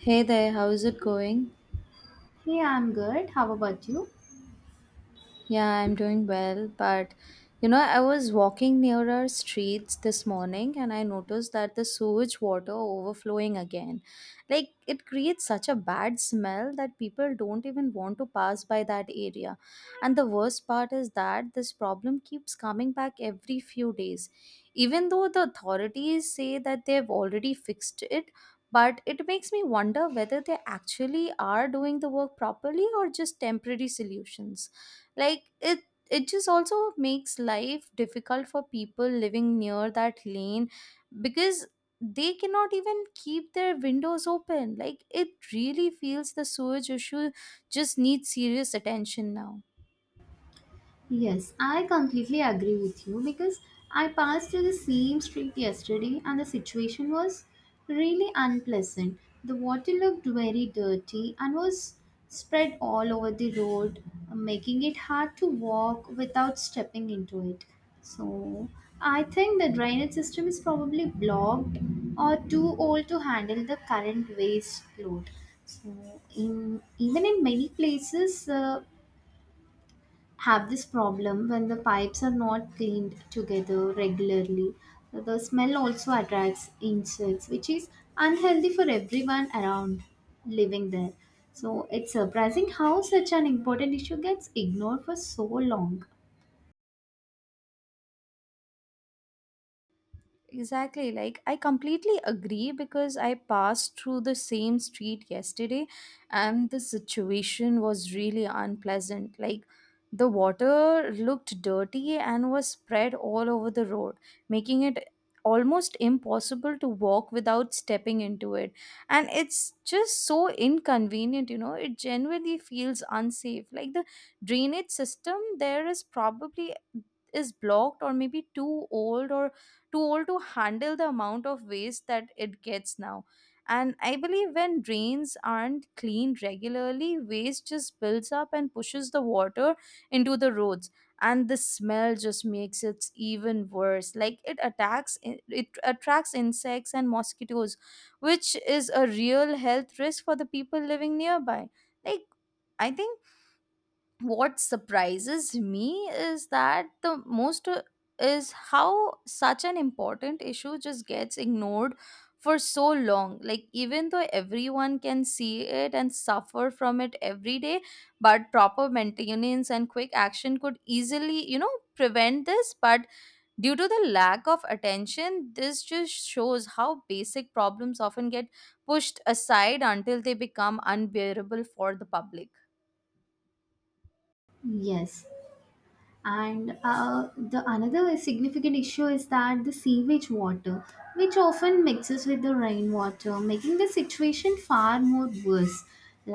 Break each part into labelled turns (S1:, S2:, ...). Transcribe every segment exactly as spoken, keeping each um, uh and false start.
S1: Hey there, how's it going?
S2: Hey, I'm good. How about you?
S1: Yeah, I'm doing well, but you know, I was walking near our streets this morning and I noticed that the sewage water overflowing again. Like it creates such a bad smell that people don't even want to pass by that area. And the worst part is that this problem keeps coming back every few days. Even though the authorities say that they've already fixed it, but it makes me wonder whether they actually are doing the work properly or just temporary solutions, like it it just also makes life difficult for people living near that lane because they cannot even keep their windows open. Like it really feels the sewage issue just needs serious attention now.
S2: Yes, I completely agree with you because I passed through the same street yesterday and the situation was really unpleasant. The water looked very dirty and was spread all over the road, making it hard to walk without stepping into it. So I think the drainage system is probably blocked or too old to handle the current waste load. So, in even in many places, uh, have this problem when the pipes are not cleaned together regularly. The smell also attracts insects, which is unhealthy for everyone around living there. So it's surprising how such an important issue gets ignored for so long.
S1: Exactly. Like, I completely agree because I passed through the same street yesterday and the situation was really unpleasant. Like, the water looked dirty and was spread all over the road, making it almost impossible to walk without stepping into it. And it's just so inconvenient, you know, it genuinely feels unsafe. Like, the drainage system there is probably is blocked or maybe too old, or too old to handle the amount of waste that it gets now. And I believe when drains aren't cleaned regularly, waste just builds up and pushes the water into the roads. And the smell just makes it even worse. Like it attacks, it attracts insects and mosquitoes, which is a real health risk for the people living nearby. Like, I think what surprises me is that the most uh, is how such an important issue just gets ignored for so long, like even though everyone can see it and suffer from it every day, but proper maintenance and quick action could, easily you know, prevent this, but due to the lack of attention, this just shows how basic problems often get pushed aside until they become unbearable for the public.
S2: Yes. And uh, the another significant issue is that the sewage water which often mixes with the rainwater, making the situation far more worse.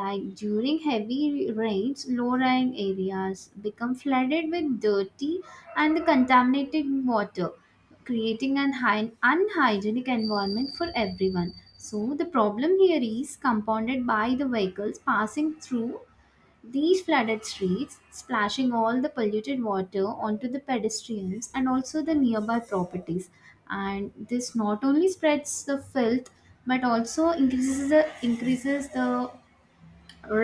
S2: Like during heavy rains, low-lying areas become flooded with dirty and contaminated water, creating an hy- unhygienic environment for everyone. So the problem here is compounded by the vehicles passing through these flooded streets, splashing all the polluted water onto the pedestrians and also the nearby properties. And this not only spreads the filth but also increases the increases the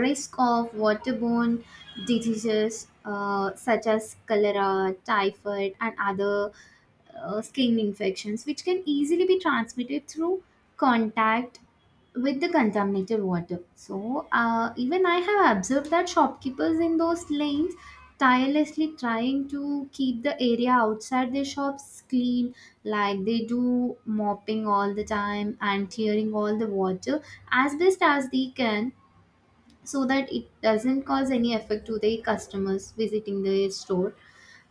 S2: risk of waterborne diseases, uh, such as cholera, typhoid, and other uh, skin infections, which can easily be transmitted through contact with the contaminated water. So, uh, even I have observed that shopkeepers in those lanes tirelessly trying to keep the area outside their shops clean, like they do mopping all the time and clearing all the water as best as they can so that it doesn't cause any effect to the customers visiting the store.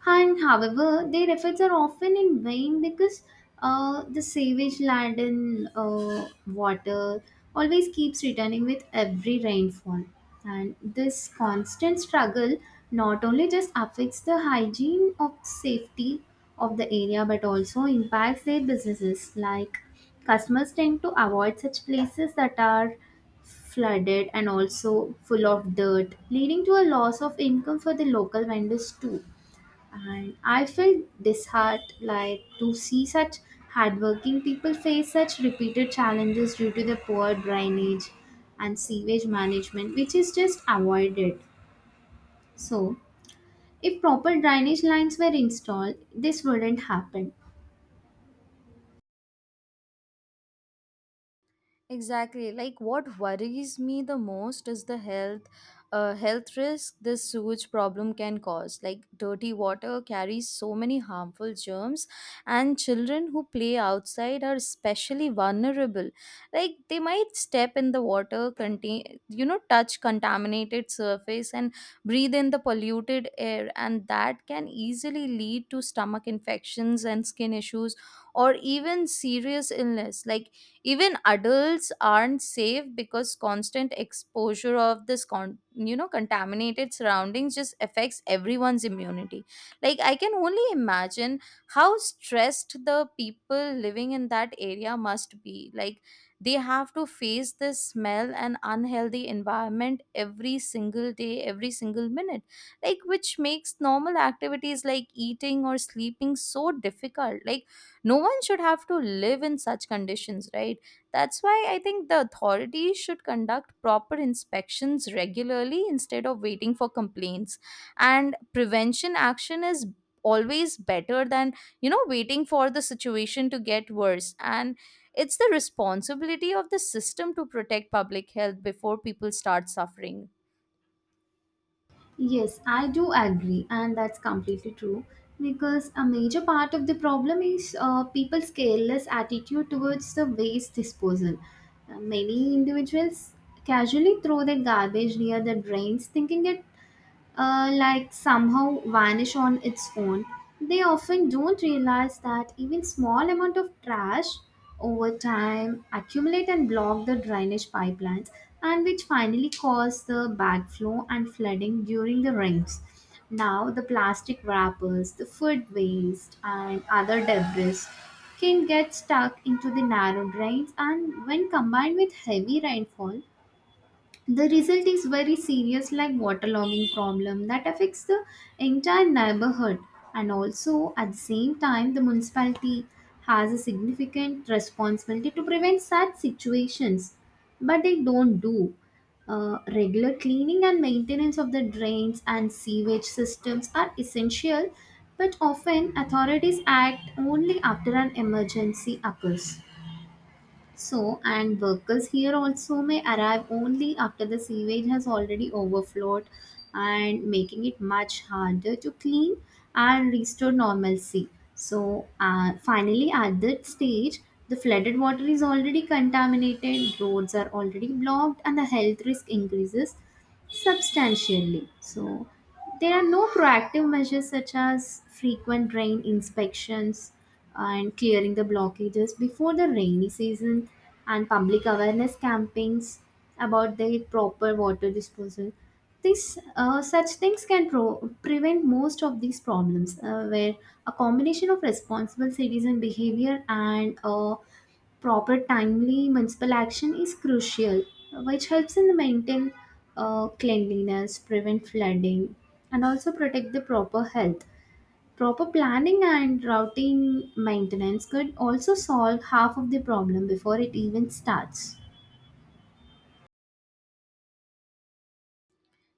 S2: And however, their efforts are often in vain because uh, the savage land and uh, water always keeps returning with every rainfall. And this constant struggle not only just affects the hygiene of safety of the area but also impacts their businesses. Like customers tend to avoid such places that are flooded and also full of dirt, leading to a loss of income for the local vendors too. And I felt disheartened like to see such hardworking people face such repeated challenges due to the poor drainage and sewage management, which is just avoided. So, if proper drainage lines were installed, this wouldn't happen.
S1: Exactly. Like what worries me the most is the health uh, health risk this sewage problem can cause. Like dirty water carries so many harmful germs, and children who play outside are especially vulnerable. Like they might step in the water, contain you know, touch contaminated surface and breathe in the polluted air, and that can easily lead to stomach infections and skin issues or even serious illness. Like even adults aren't safe because constant exposure of this con- you know, contaminated surroundings just affects everyone's immunity. Like, I can only imagine how stressed the people living in that area must be. Like they have to face this smell and unhealthy environment every single day, every single minute, like which makes normal activities like eating or sleeping so difficult. Like, no one should have to live in such conditions, right? That's why I think the authorities should conduct proper inspections regularly instead of waiting for complaints, and prevention action is always better than, you know, waiting for the situation to get worse. And it's the responsibility of the system to protect public health before people start suffering.
S2: Yes, I do agree, and that's completely true. Because a major part of the problem is uh, people's careless attitude towards the waste disposal. Uh, Many individuals casually throw their garbage near the drains, thinking it uh, like somehow vanish on its own. They often don't realize that even small amount of trash over time accumulate and block the drainage pipelines, and which finally cause the backflow and flooding during the rains. Now the plastic wrappers, the food waste and other debris can get stuck into the narrow drains, and when combined with heavy rainfall, the result is very serious like waterlogging problem that affects the entire neighborhood. And also at the same time, the municipality has a significant responsibility to prevent such situations, but they don't do uh, regular cleaning. And maintenance of the drains and sewage systems are essential, but often authorities act only after an emergency occurs. So, and workers here also may arrive only after the sewage has already overflowed, and making it much harder to clean and restore normalcy. So, uh, finally, at that stage, the flooded water is already contaminated, roads are already blocked, and the health risk increases substantially. So, there are no proactive measures such as frequent rain inspections and clearing the blockages before the rainy season and public awareness campaigns about the proper water disposal. This, uh, such things can pro- prevent most of these problems, uh, where a combination of responsible citizen behavior and uh, proper timely municipal action is crucial, which helps in maintain uh, cleanliness, prevent flooding, and also protect the proper health. Proper planning and routing maintenance could also solve half of the problem before it even starts.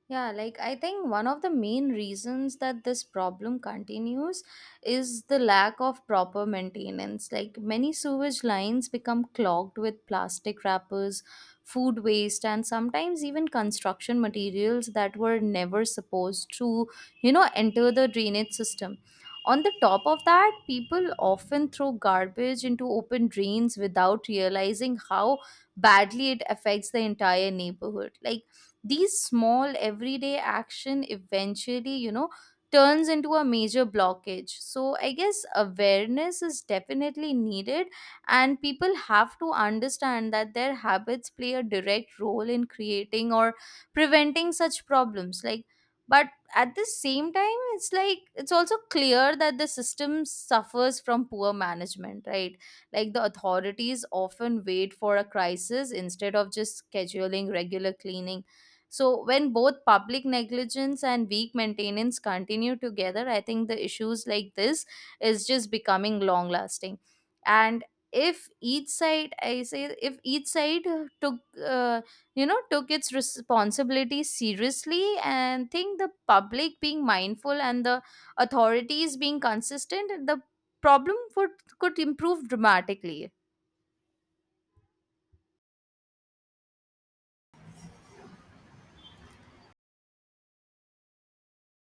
S1: Yeah, like I think one of the main reasons that this problem continues is the lack of proper maintenance. Like many sewage lines become clogged with plastic wrappers, food waste, and sometimes even construction materials that were never supposed to, you know, enter the drainage system. On the top of that, people often throw garbage into open drains without realizing how badly it affects the entire neighborhood. Like, these small everyday action, eventually you know, turns into a major blockage. So I guess awareness is definitely needed, and people have to understand that their habits play a direct role in creating or preventing such problems. Like, but at the same time, it's like it's also clear that the system suffers from poor management, right? Like the authorities often wait for a crisis instead of just scheduling regular cleaning. So, when both public negligence and weak maintenance continue together, I think the issues like this is just becoming long lasting. And if each side, I say, if each side uh, took, uh, you know, took its responsibility seriously, and think the public being mindful and the authorities being consistent, the problem would could improve dramatically.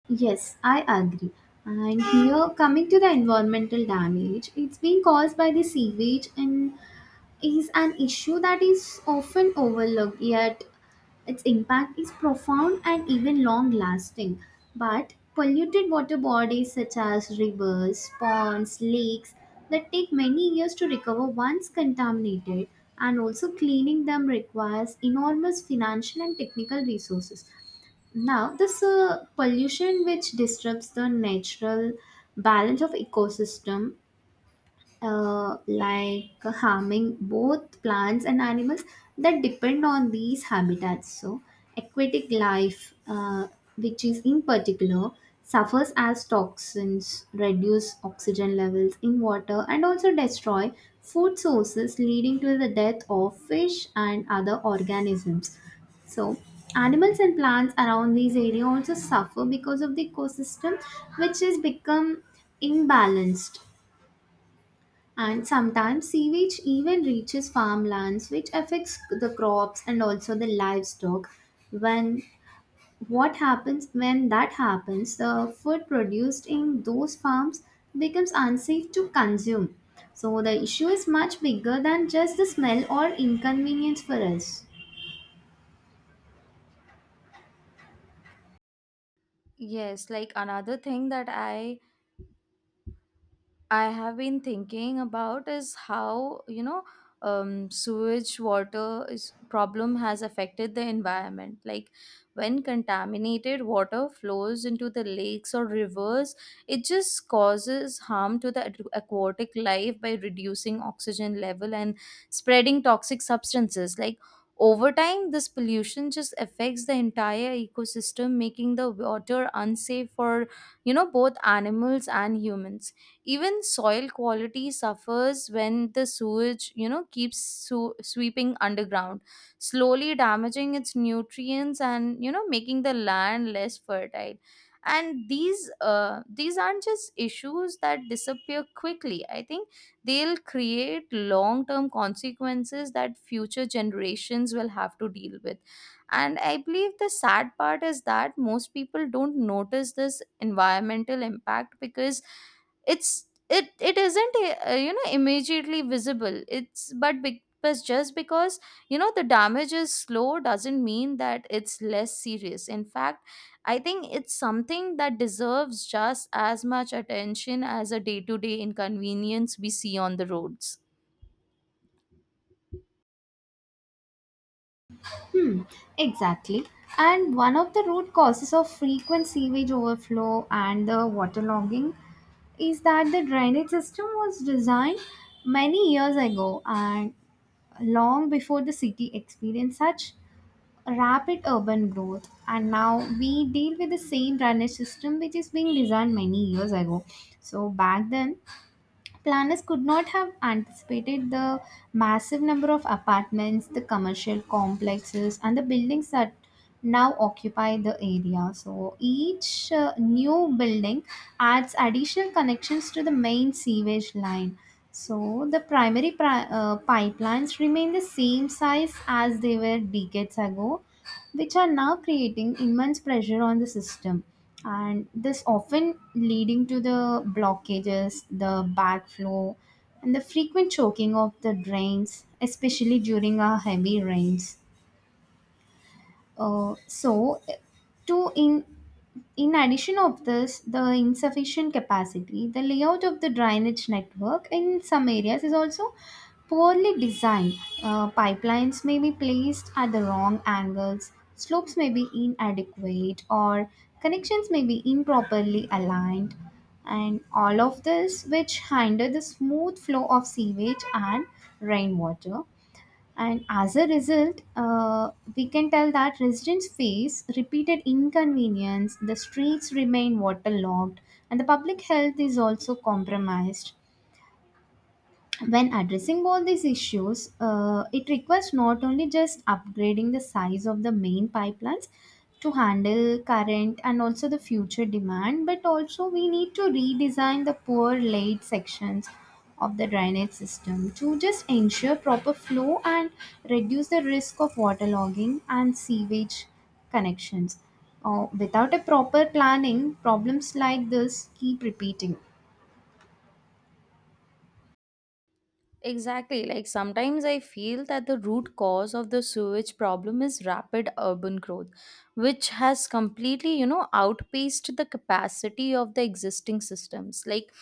S2: Yes, I agree. And here, coming to the environmental damage, it's being caused by the sewage and is an issue that is often overlooked, yet its impact is profound and even long lasting. But polluted water bodies such as rivers, ponds, lakes that take many years to recover once contaminated, and also cleaning them requires enormous financial and technical resources. Now, this uh, pollution which disrupts the natural balance of ecosystem, uh, like harming both plants and animals that depend on these habitats. So, aquatic life, uh, which is in particular, suffers as toxins reduce oxygen levels in water and also destroy food sources, leading to the death of fish and other organisms. So, animals and plants around these areas also suffer because of the ecosystem, which has become imbalanced. And sometimes sewage even reaches farmlands, which affects the crops and also the livestock. When What happens when that happens, the food produced in those farms becomes unsafe to consume. So the issue is much bigger than just the smell or inconvenience for us.
S1: Yes, like another thing that I I have been thinking about is how, you know, um, sewage water is problem has affected the environment. Like when contaminated water flows into the lakes or rivers, it just causes harm to the aqu- aquatic life by reducing oxygen level and spreading toxic substances. Like over time, this pollution just affects the entire ecosystem, making the water unsafe for, you know, both animals and humans. Even soil quality suffers when the sewage, you know, keeps su- sweeping underground, slowly damaging its nutrients and, you know, making the land less fertile. And these uh, these aren't just issues that disappear quickly. I think they'll create long term consequences that future generations will have to deal with. And I believe the sad part is that most people don't notice this environmental impact because it's it it isn't, eh, uh, you know, immediately visible. It's but be, but just because, you know, the damage is slow doesn't mean that it's less serious. In fact, I think it's something that deserves just as much attention as a day-to-day inconvenience we see on the roads.
S2: Hmm. Exactly. And one of the root causes of frequent sewage overflow and the waterlogging is that the drainage system was designed many years ago, and long before the city experienced such rapid urban growth, and now we deal with the same drainage system which is being designed many years ago. So back then, planners could not have anticipated the massive number of apartments, the commercial complexes, and the buildings that now occupy the area. So each uh, new building adds additional connections to the main sewage line. So the primary pri- uh, pipelines remain the same size as they were decades ago, which are now creating immense pressure on the system. And this often leading to the blockages, the backflow, and the frequent choking of the drains, especially during our heavy rains. Uh, so to in in addition of this, the insufficient capacity, the layout of the drainage network in some areas is also poorly designed. Uh, pipelines may be placed at the wrong angles, slopes may be inadequate, or connections may be improperly aligned, and all of this which hinder the smooth flow of sewage and rainwater. And as a result, uh, we can tell that residents face repeated inconvenience, the streets remain waterlogged, and the public health is also compromised. When addressing all these issues, uh, it requires not only just upgrading the size of the main pipelines to handle current and also the future demand, but also we need to redesign the poor laid sections of the drainage system to just ensure proper flow and reduce the risk of waterlogging and sewage connections. Uh, without a proper planning, problems like this keep repeating.
S1: Exactly. Like sometimes I feel that the root cause of the sewage problem is rapid urban growth, which has completely, you know, outpaced the capacity of the existing systems. Like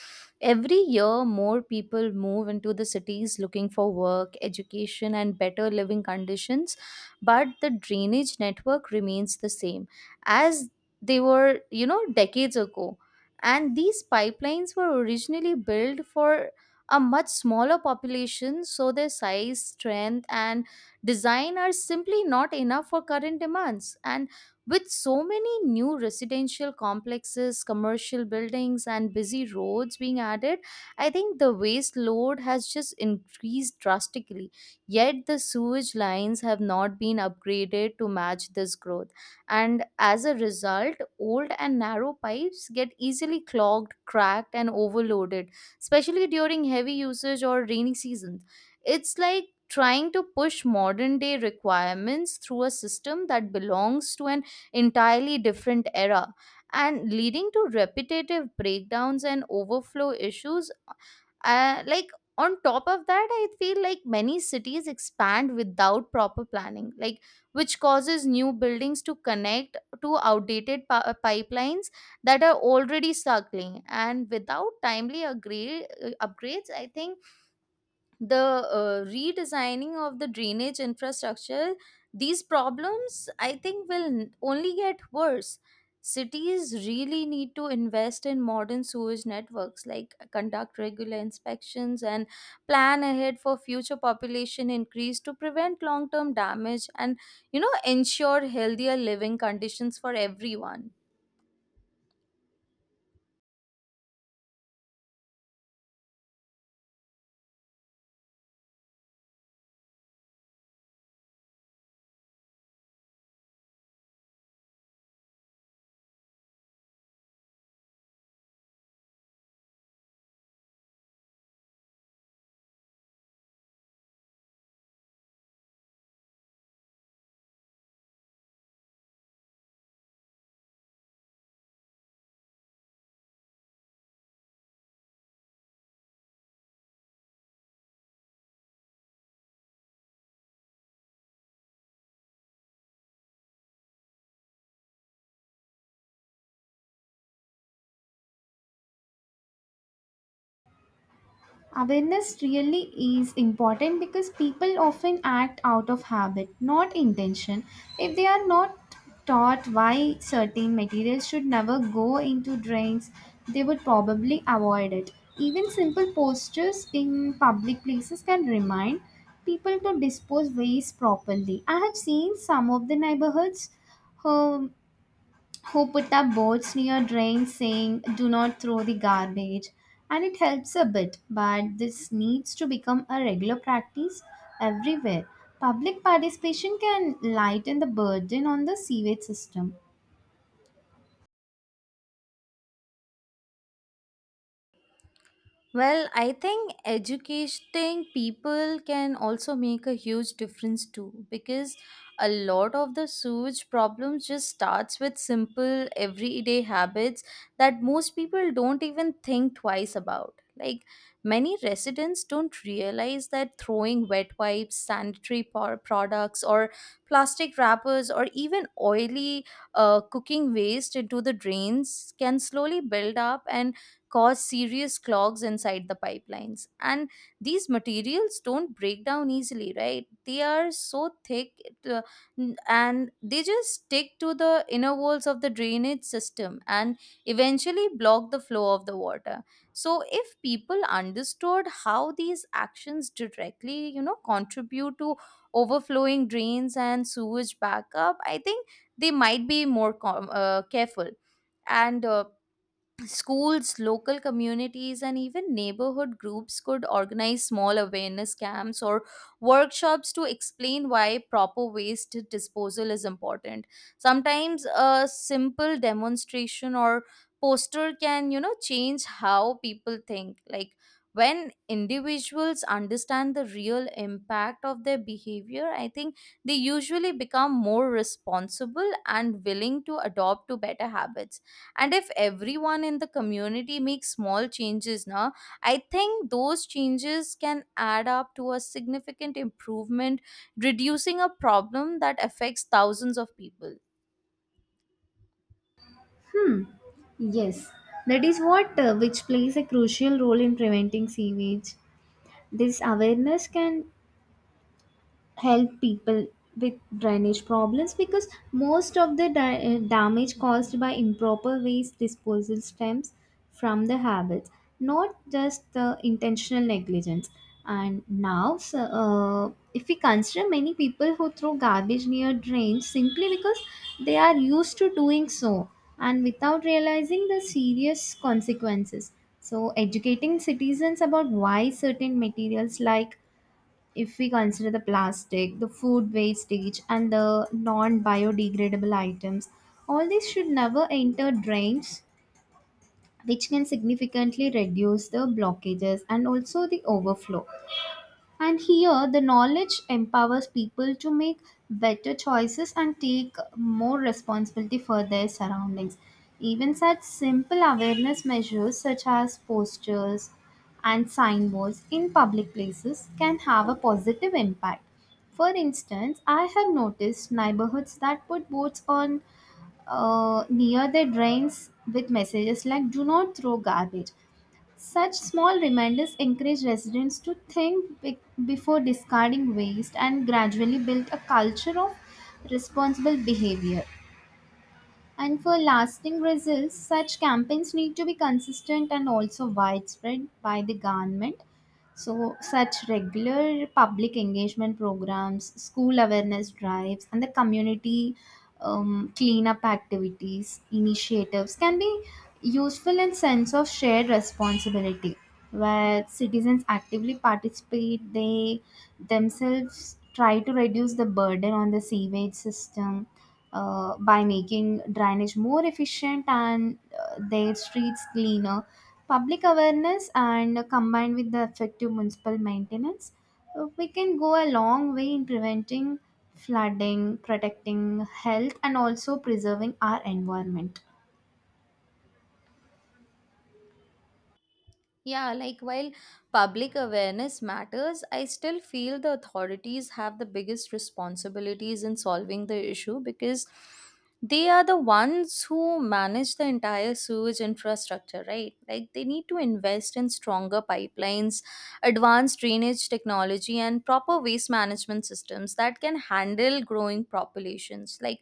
S1: every year, more people move into the cities looking for work, education, and better living conditions, but the drainage network remains the same as they were, you know, decades ago. And these pipelines were originally built for a much smaller population, so their size, strength, and design are simply not enough for current demands. And with so many new residential complexes, commercial buildings, and busy roads being added, I think the waste load has just increased drastically. Yet the sewage lines have not been upgraded to match this growth. And as a result, old and narrow pipes get easily clogged, cracked, and overloaded, especially during heavy usage or rainy seasons. It's like trying to push modern day requirements through a system that belongs to an entirely different era, and leading to repetitive breakdowns and overflow issues. Uh, like, on top of that, I feel like many cities expand without proper planning, like which causes new buildings to connect to outdated pa- uh, pipelines that are already struggling. And without timely agree- uh, upgrades, I think the uh, redesigning of the drainage infrastructure, these problems, I think, will n- only get worse. Cities really need to invest in modern sewage networks, like, uh, conduct regular inspections and plan ahead for future population increase to prevent long term damage and, you know, ensure healthier living conditions for everyone.
S2: Awareness really is important because people often act out of habit, not intention. If they are not taught why certain materials should never go into drains, they would probably avoid it. Even simple posters in public places can remind people to dispose waste properly. I have seen some of the neighborhoods, um, who put up boards near drains saying do not throw the garbage, and it helps a bit, but this needs to become a regular practice everywhere. Public participation can lighten the burden on the sewage system.
S1: Well, I think educating people can also make a huge difference too, because a lot of the sewage problems just starts with simple everyday habits that most people don't even think twice about. Like many residents don't realize that throwing wet wipes, sanitary por- products, or plastic wrappers, or even oily, uh, cooking waste into the drains can slowly build up and cause serious clogs inside the pipelines. And these materials don't break down easily, right? They are so thick it, uh, n- and they just stick to the inner walls of the drainage system and eventually block the flow of the water. So, if people understood how these actions directly, you know, contribute to overflowing drains and sewage backup, I think they might be more com- uh, careful. And uh, schools, local communities, and even neighborhood groups could organize small awareness camps or workshops to explain why proper waste disposal is important. Sometimes a simple demonstration or poster can, you know, change how people think. Like when individuals understand the real impact of their behavior, I think they usually become more responsible and willing to adopt to better habits. And if everyone in the community makes small changes now, I think those changes can add up to a significant improvement, reducing a problem that affects thousands of people.
S2: Hmm. Yes, that is what, uh, which plays a crucial role in preventing sewage. This awareness can help people with drainage problems because most of the da- eh, damage caused by improper waste disposal stems from the habits, not just the intentional negligence. And now so, uh, if we consider many people who throw garbage near drains simply because they are used to doing so and without realizing the serious consequences. So educating citizens about why certain materials, like if we consider the plastic, the food wastage, and the non biodegradable items, all these should never enter drains, which can significantly reduce the blockages and also the overflow. And here, the knowledge empowers people to make better choices and take more responsibility for their surroundings. Even such simple awareness measures, such as posters and signboards in public places, can have a positive impact. For instance, I have noticed neighborhoods that put boards on uh, near their drains with messages like "Do not throw garbage." Such small reminders encourage residents to think be- before discarding waste and gradually build a culture of responsible behavior. And for lasting results, such campaigns need to be consistent and also widespread by the government. So, such regular public engagement programs, school awareness drives, and the community um, cleanup activities, initiatives can be useful in sense of shared responsibility, where citizens actively participate. They themselves try to reduce the burden on the sewage system uh, by making drainage more efficient and uh, their streets cleaner. Public awareness and, uh, combined with the effective municipal maintenance, uh, we can go a long way in preventing flooding, protecting health, and also preserving our environment.
S1: Yeah, like while public awareness matters, I still feel the authorities have the biggest responsibilities in solving the issue, because they are the ones who manage the entire sewage infrastructure, right? Like they need to invest in stronger pipelines, advanced drainage technology, and proper waste management systems that can handle growing populations. Like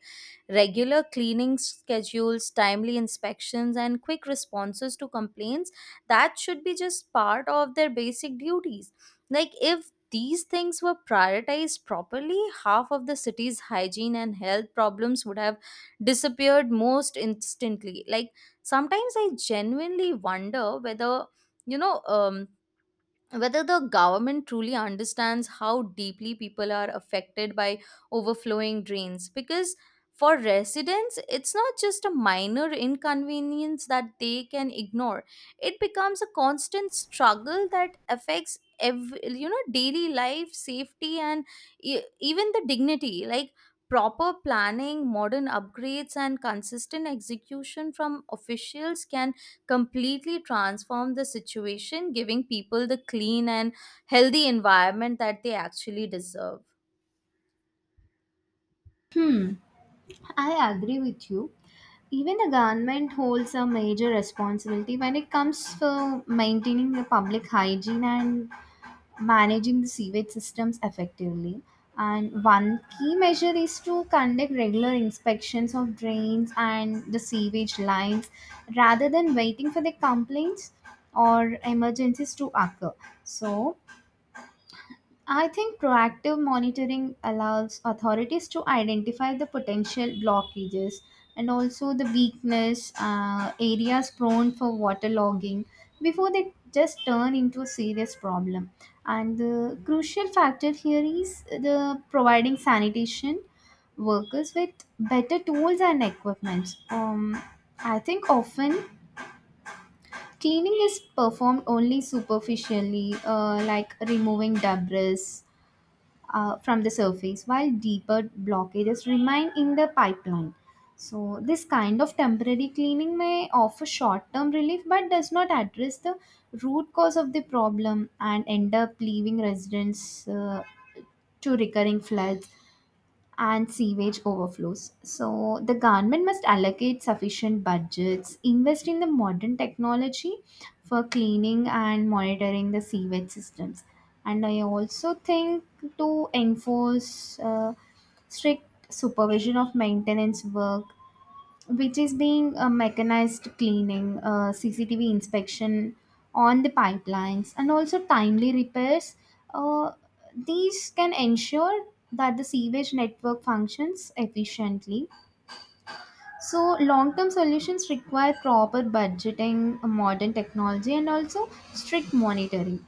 S1: regular cleaning schedules, timely inspections, and quick responses to complaints, that should be just part of their basic duties. Like if these things were prioritized properly, half of the city's hygiene and health problems would have disappeared most instantly. Like, sometimes I genuinely wonder whether, you know, um whether the government truly understands how deeply people are affected by overflowing drains. Because for residents, it's not just a minor inconvenience that they can ignore, it becomes a constant struggle that affects every, you know, daily life, safety, and e- even the dignity. Like, proper planning, modern upgrades, and consistent execution from officials can completely transform the situation, giving people the clean and healthy environment that they actually deserve.
S2: Hmm, I agree with you. Even the government holds a major responsibility when it comes to maintaining the public hygiene and managing the sewage systems effectively. And one key measure is to conduct regular inspections of drains and the sewage lines rather than waiting for the complaints or emergencies to occur. So, I think proactive monitoring allows authorities to identify the potential blockages and also the weakness uh, areas prone for waterlogging before they just turn into a serious problem. And the crucial factor here is the providing sanitation workers with better tools and equipment. Um, I think often cleaning is performed only superficially, uh, like removing debris uh, from the surface while deeper blockages remain in the pipeline. So, this kind of temporary cleaning may offer short term relief but does not address the root cause of the problem and end up leaving residents uh, to recurring floods and sewage overflows. So the government must allocate sufficient budgets, invest in the modern technology for cleaning and monitoring the sewage systems. And I also think to enforce uh, strict supervision of maintenance work, which is being uh, mechanized cleaning, uh, C C T V inspection on the pipelines, and also timely repairs. Uh, these can ensure that the sewage network functions efficiently. So, long term solutions require proper budgeting, modern technology, and also strict monitoring.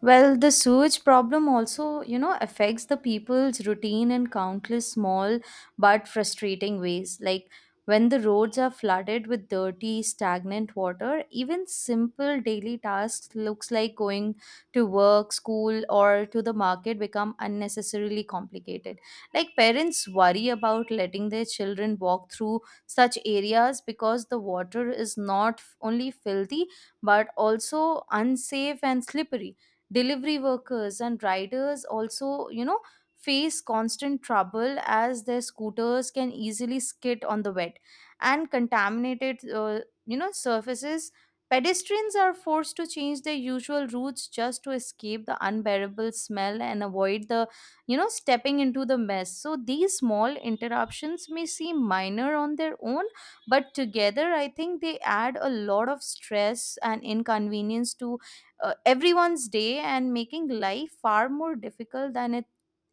S1: Well, the sewage problem also, you know, affects the people's routine in countless small but frustrating ways. Like when the roads are flooded with dirty, stagnant water, even simple daily tasks looks like going to work, school, or to the market become unnecessarily complicated. Like parents worry about letting their children walk through such areas because the water is not only filthy but also unsafe and slippery. Delivery workers and riders also, you know, face constant trouble as their scooters can easily skid on the wet and contaminated, uh, you know, surfaces. Pedestrians are forced to change their usual routes just to escape the unbearable smell and avoid the, you know, stepping into the mess. So these small interruptions may seem minor on their own, but together I think they add a lot of stress and inconvenience to, uh, everyone's day, and making life far more difficult than it,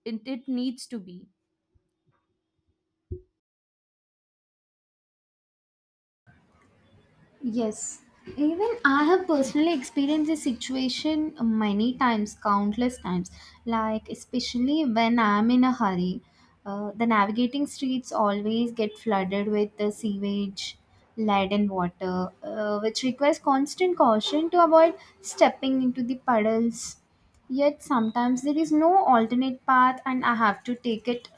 S1: it it needs to be.
S2: Yes, even I have personally experienced this situation many times, countless times. Like, especially when I'm in a hurry, uh, the navigating streets always get flooded with the sewage, lead, water, uh, which requires constant caution to avoid stepping into the puddles. Yet, sometimes there is no alternate path, and I have to take it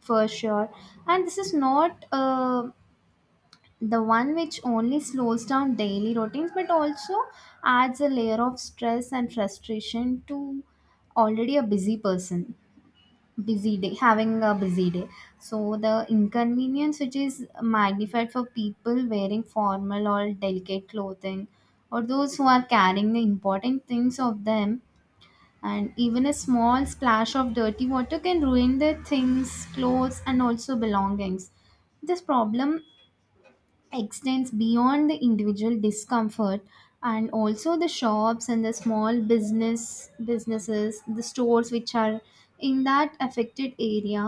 S2: for sure. And this is not uh, the one which only slows down daily routines but also adds a layer of stress and frustration to already a busy person busy day having a busy day. So the inconvenience which is magnified for people wearing formal or delicate clothing or those who are carrying the important things of them, and even a small splash of dirty water can ruin their things, clothes, and also belongings. This problem extends beyond the individual discomfort and also the shops and the small business businesses, the stores which are in that affected area,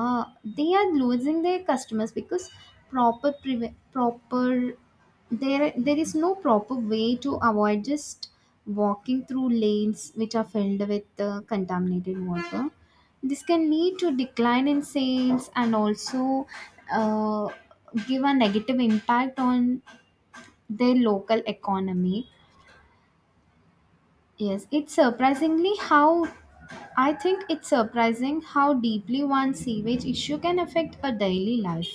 S2: they are losing their customers because proper preve- proper there there is no proper way to avoid just walking through lanes which are filled with uh, contaminated water. This can lead to decline in sales and also uh, give a negative impact on their local economy. Yes it's surprisingly how i think it's surprising how deeply one sewage issue can affect a daily life.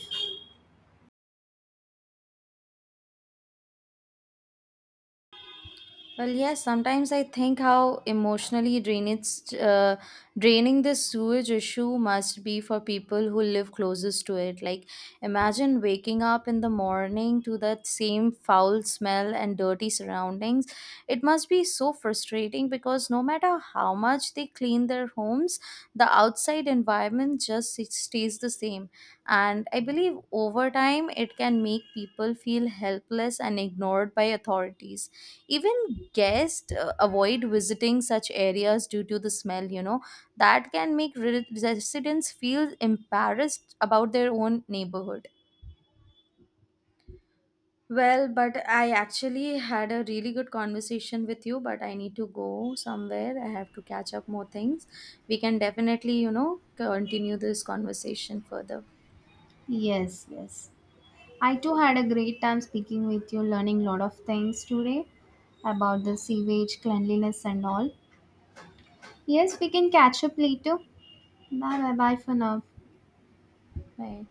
S1: Well, yes, sometimes I think how emotionally drainage, uh, draining this sewage issue must be for people who live closest to it. Like, imagine waking up in the morning to that same foul smell and dirty surroundings. It must be so frustrating because no matter how much they clean their homes, the outside environment just s- stays the same. And I believe over time, it can make people feel helpless and ignored by authorities. Even guests, uh, avoid visiting such areas due to the smell, you know, that can make re- residents feel embarrassed about their own neighborhood. Well, but I actually had a really good conversation with you, but I need to go somewhere. I have to catch up more things. We can definitely, you know, continue this conversation further.
S2: Yes, yes, I too had a great time speaking with you, learning a lot of things today about the sewage cleanliness and all. Yes, we can catch up later. Bye, bye bye for now.
S1: Bye.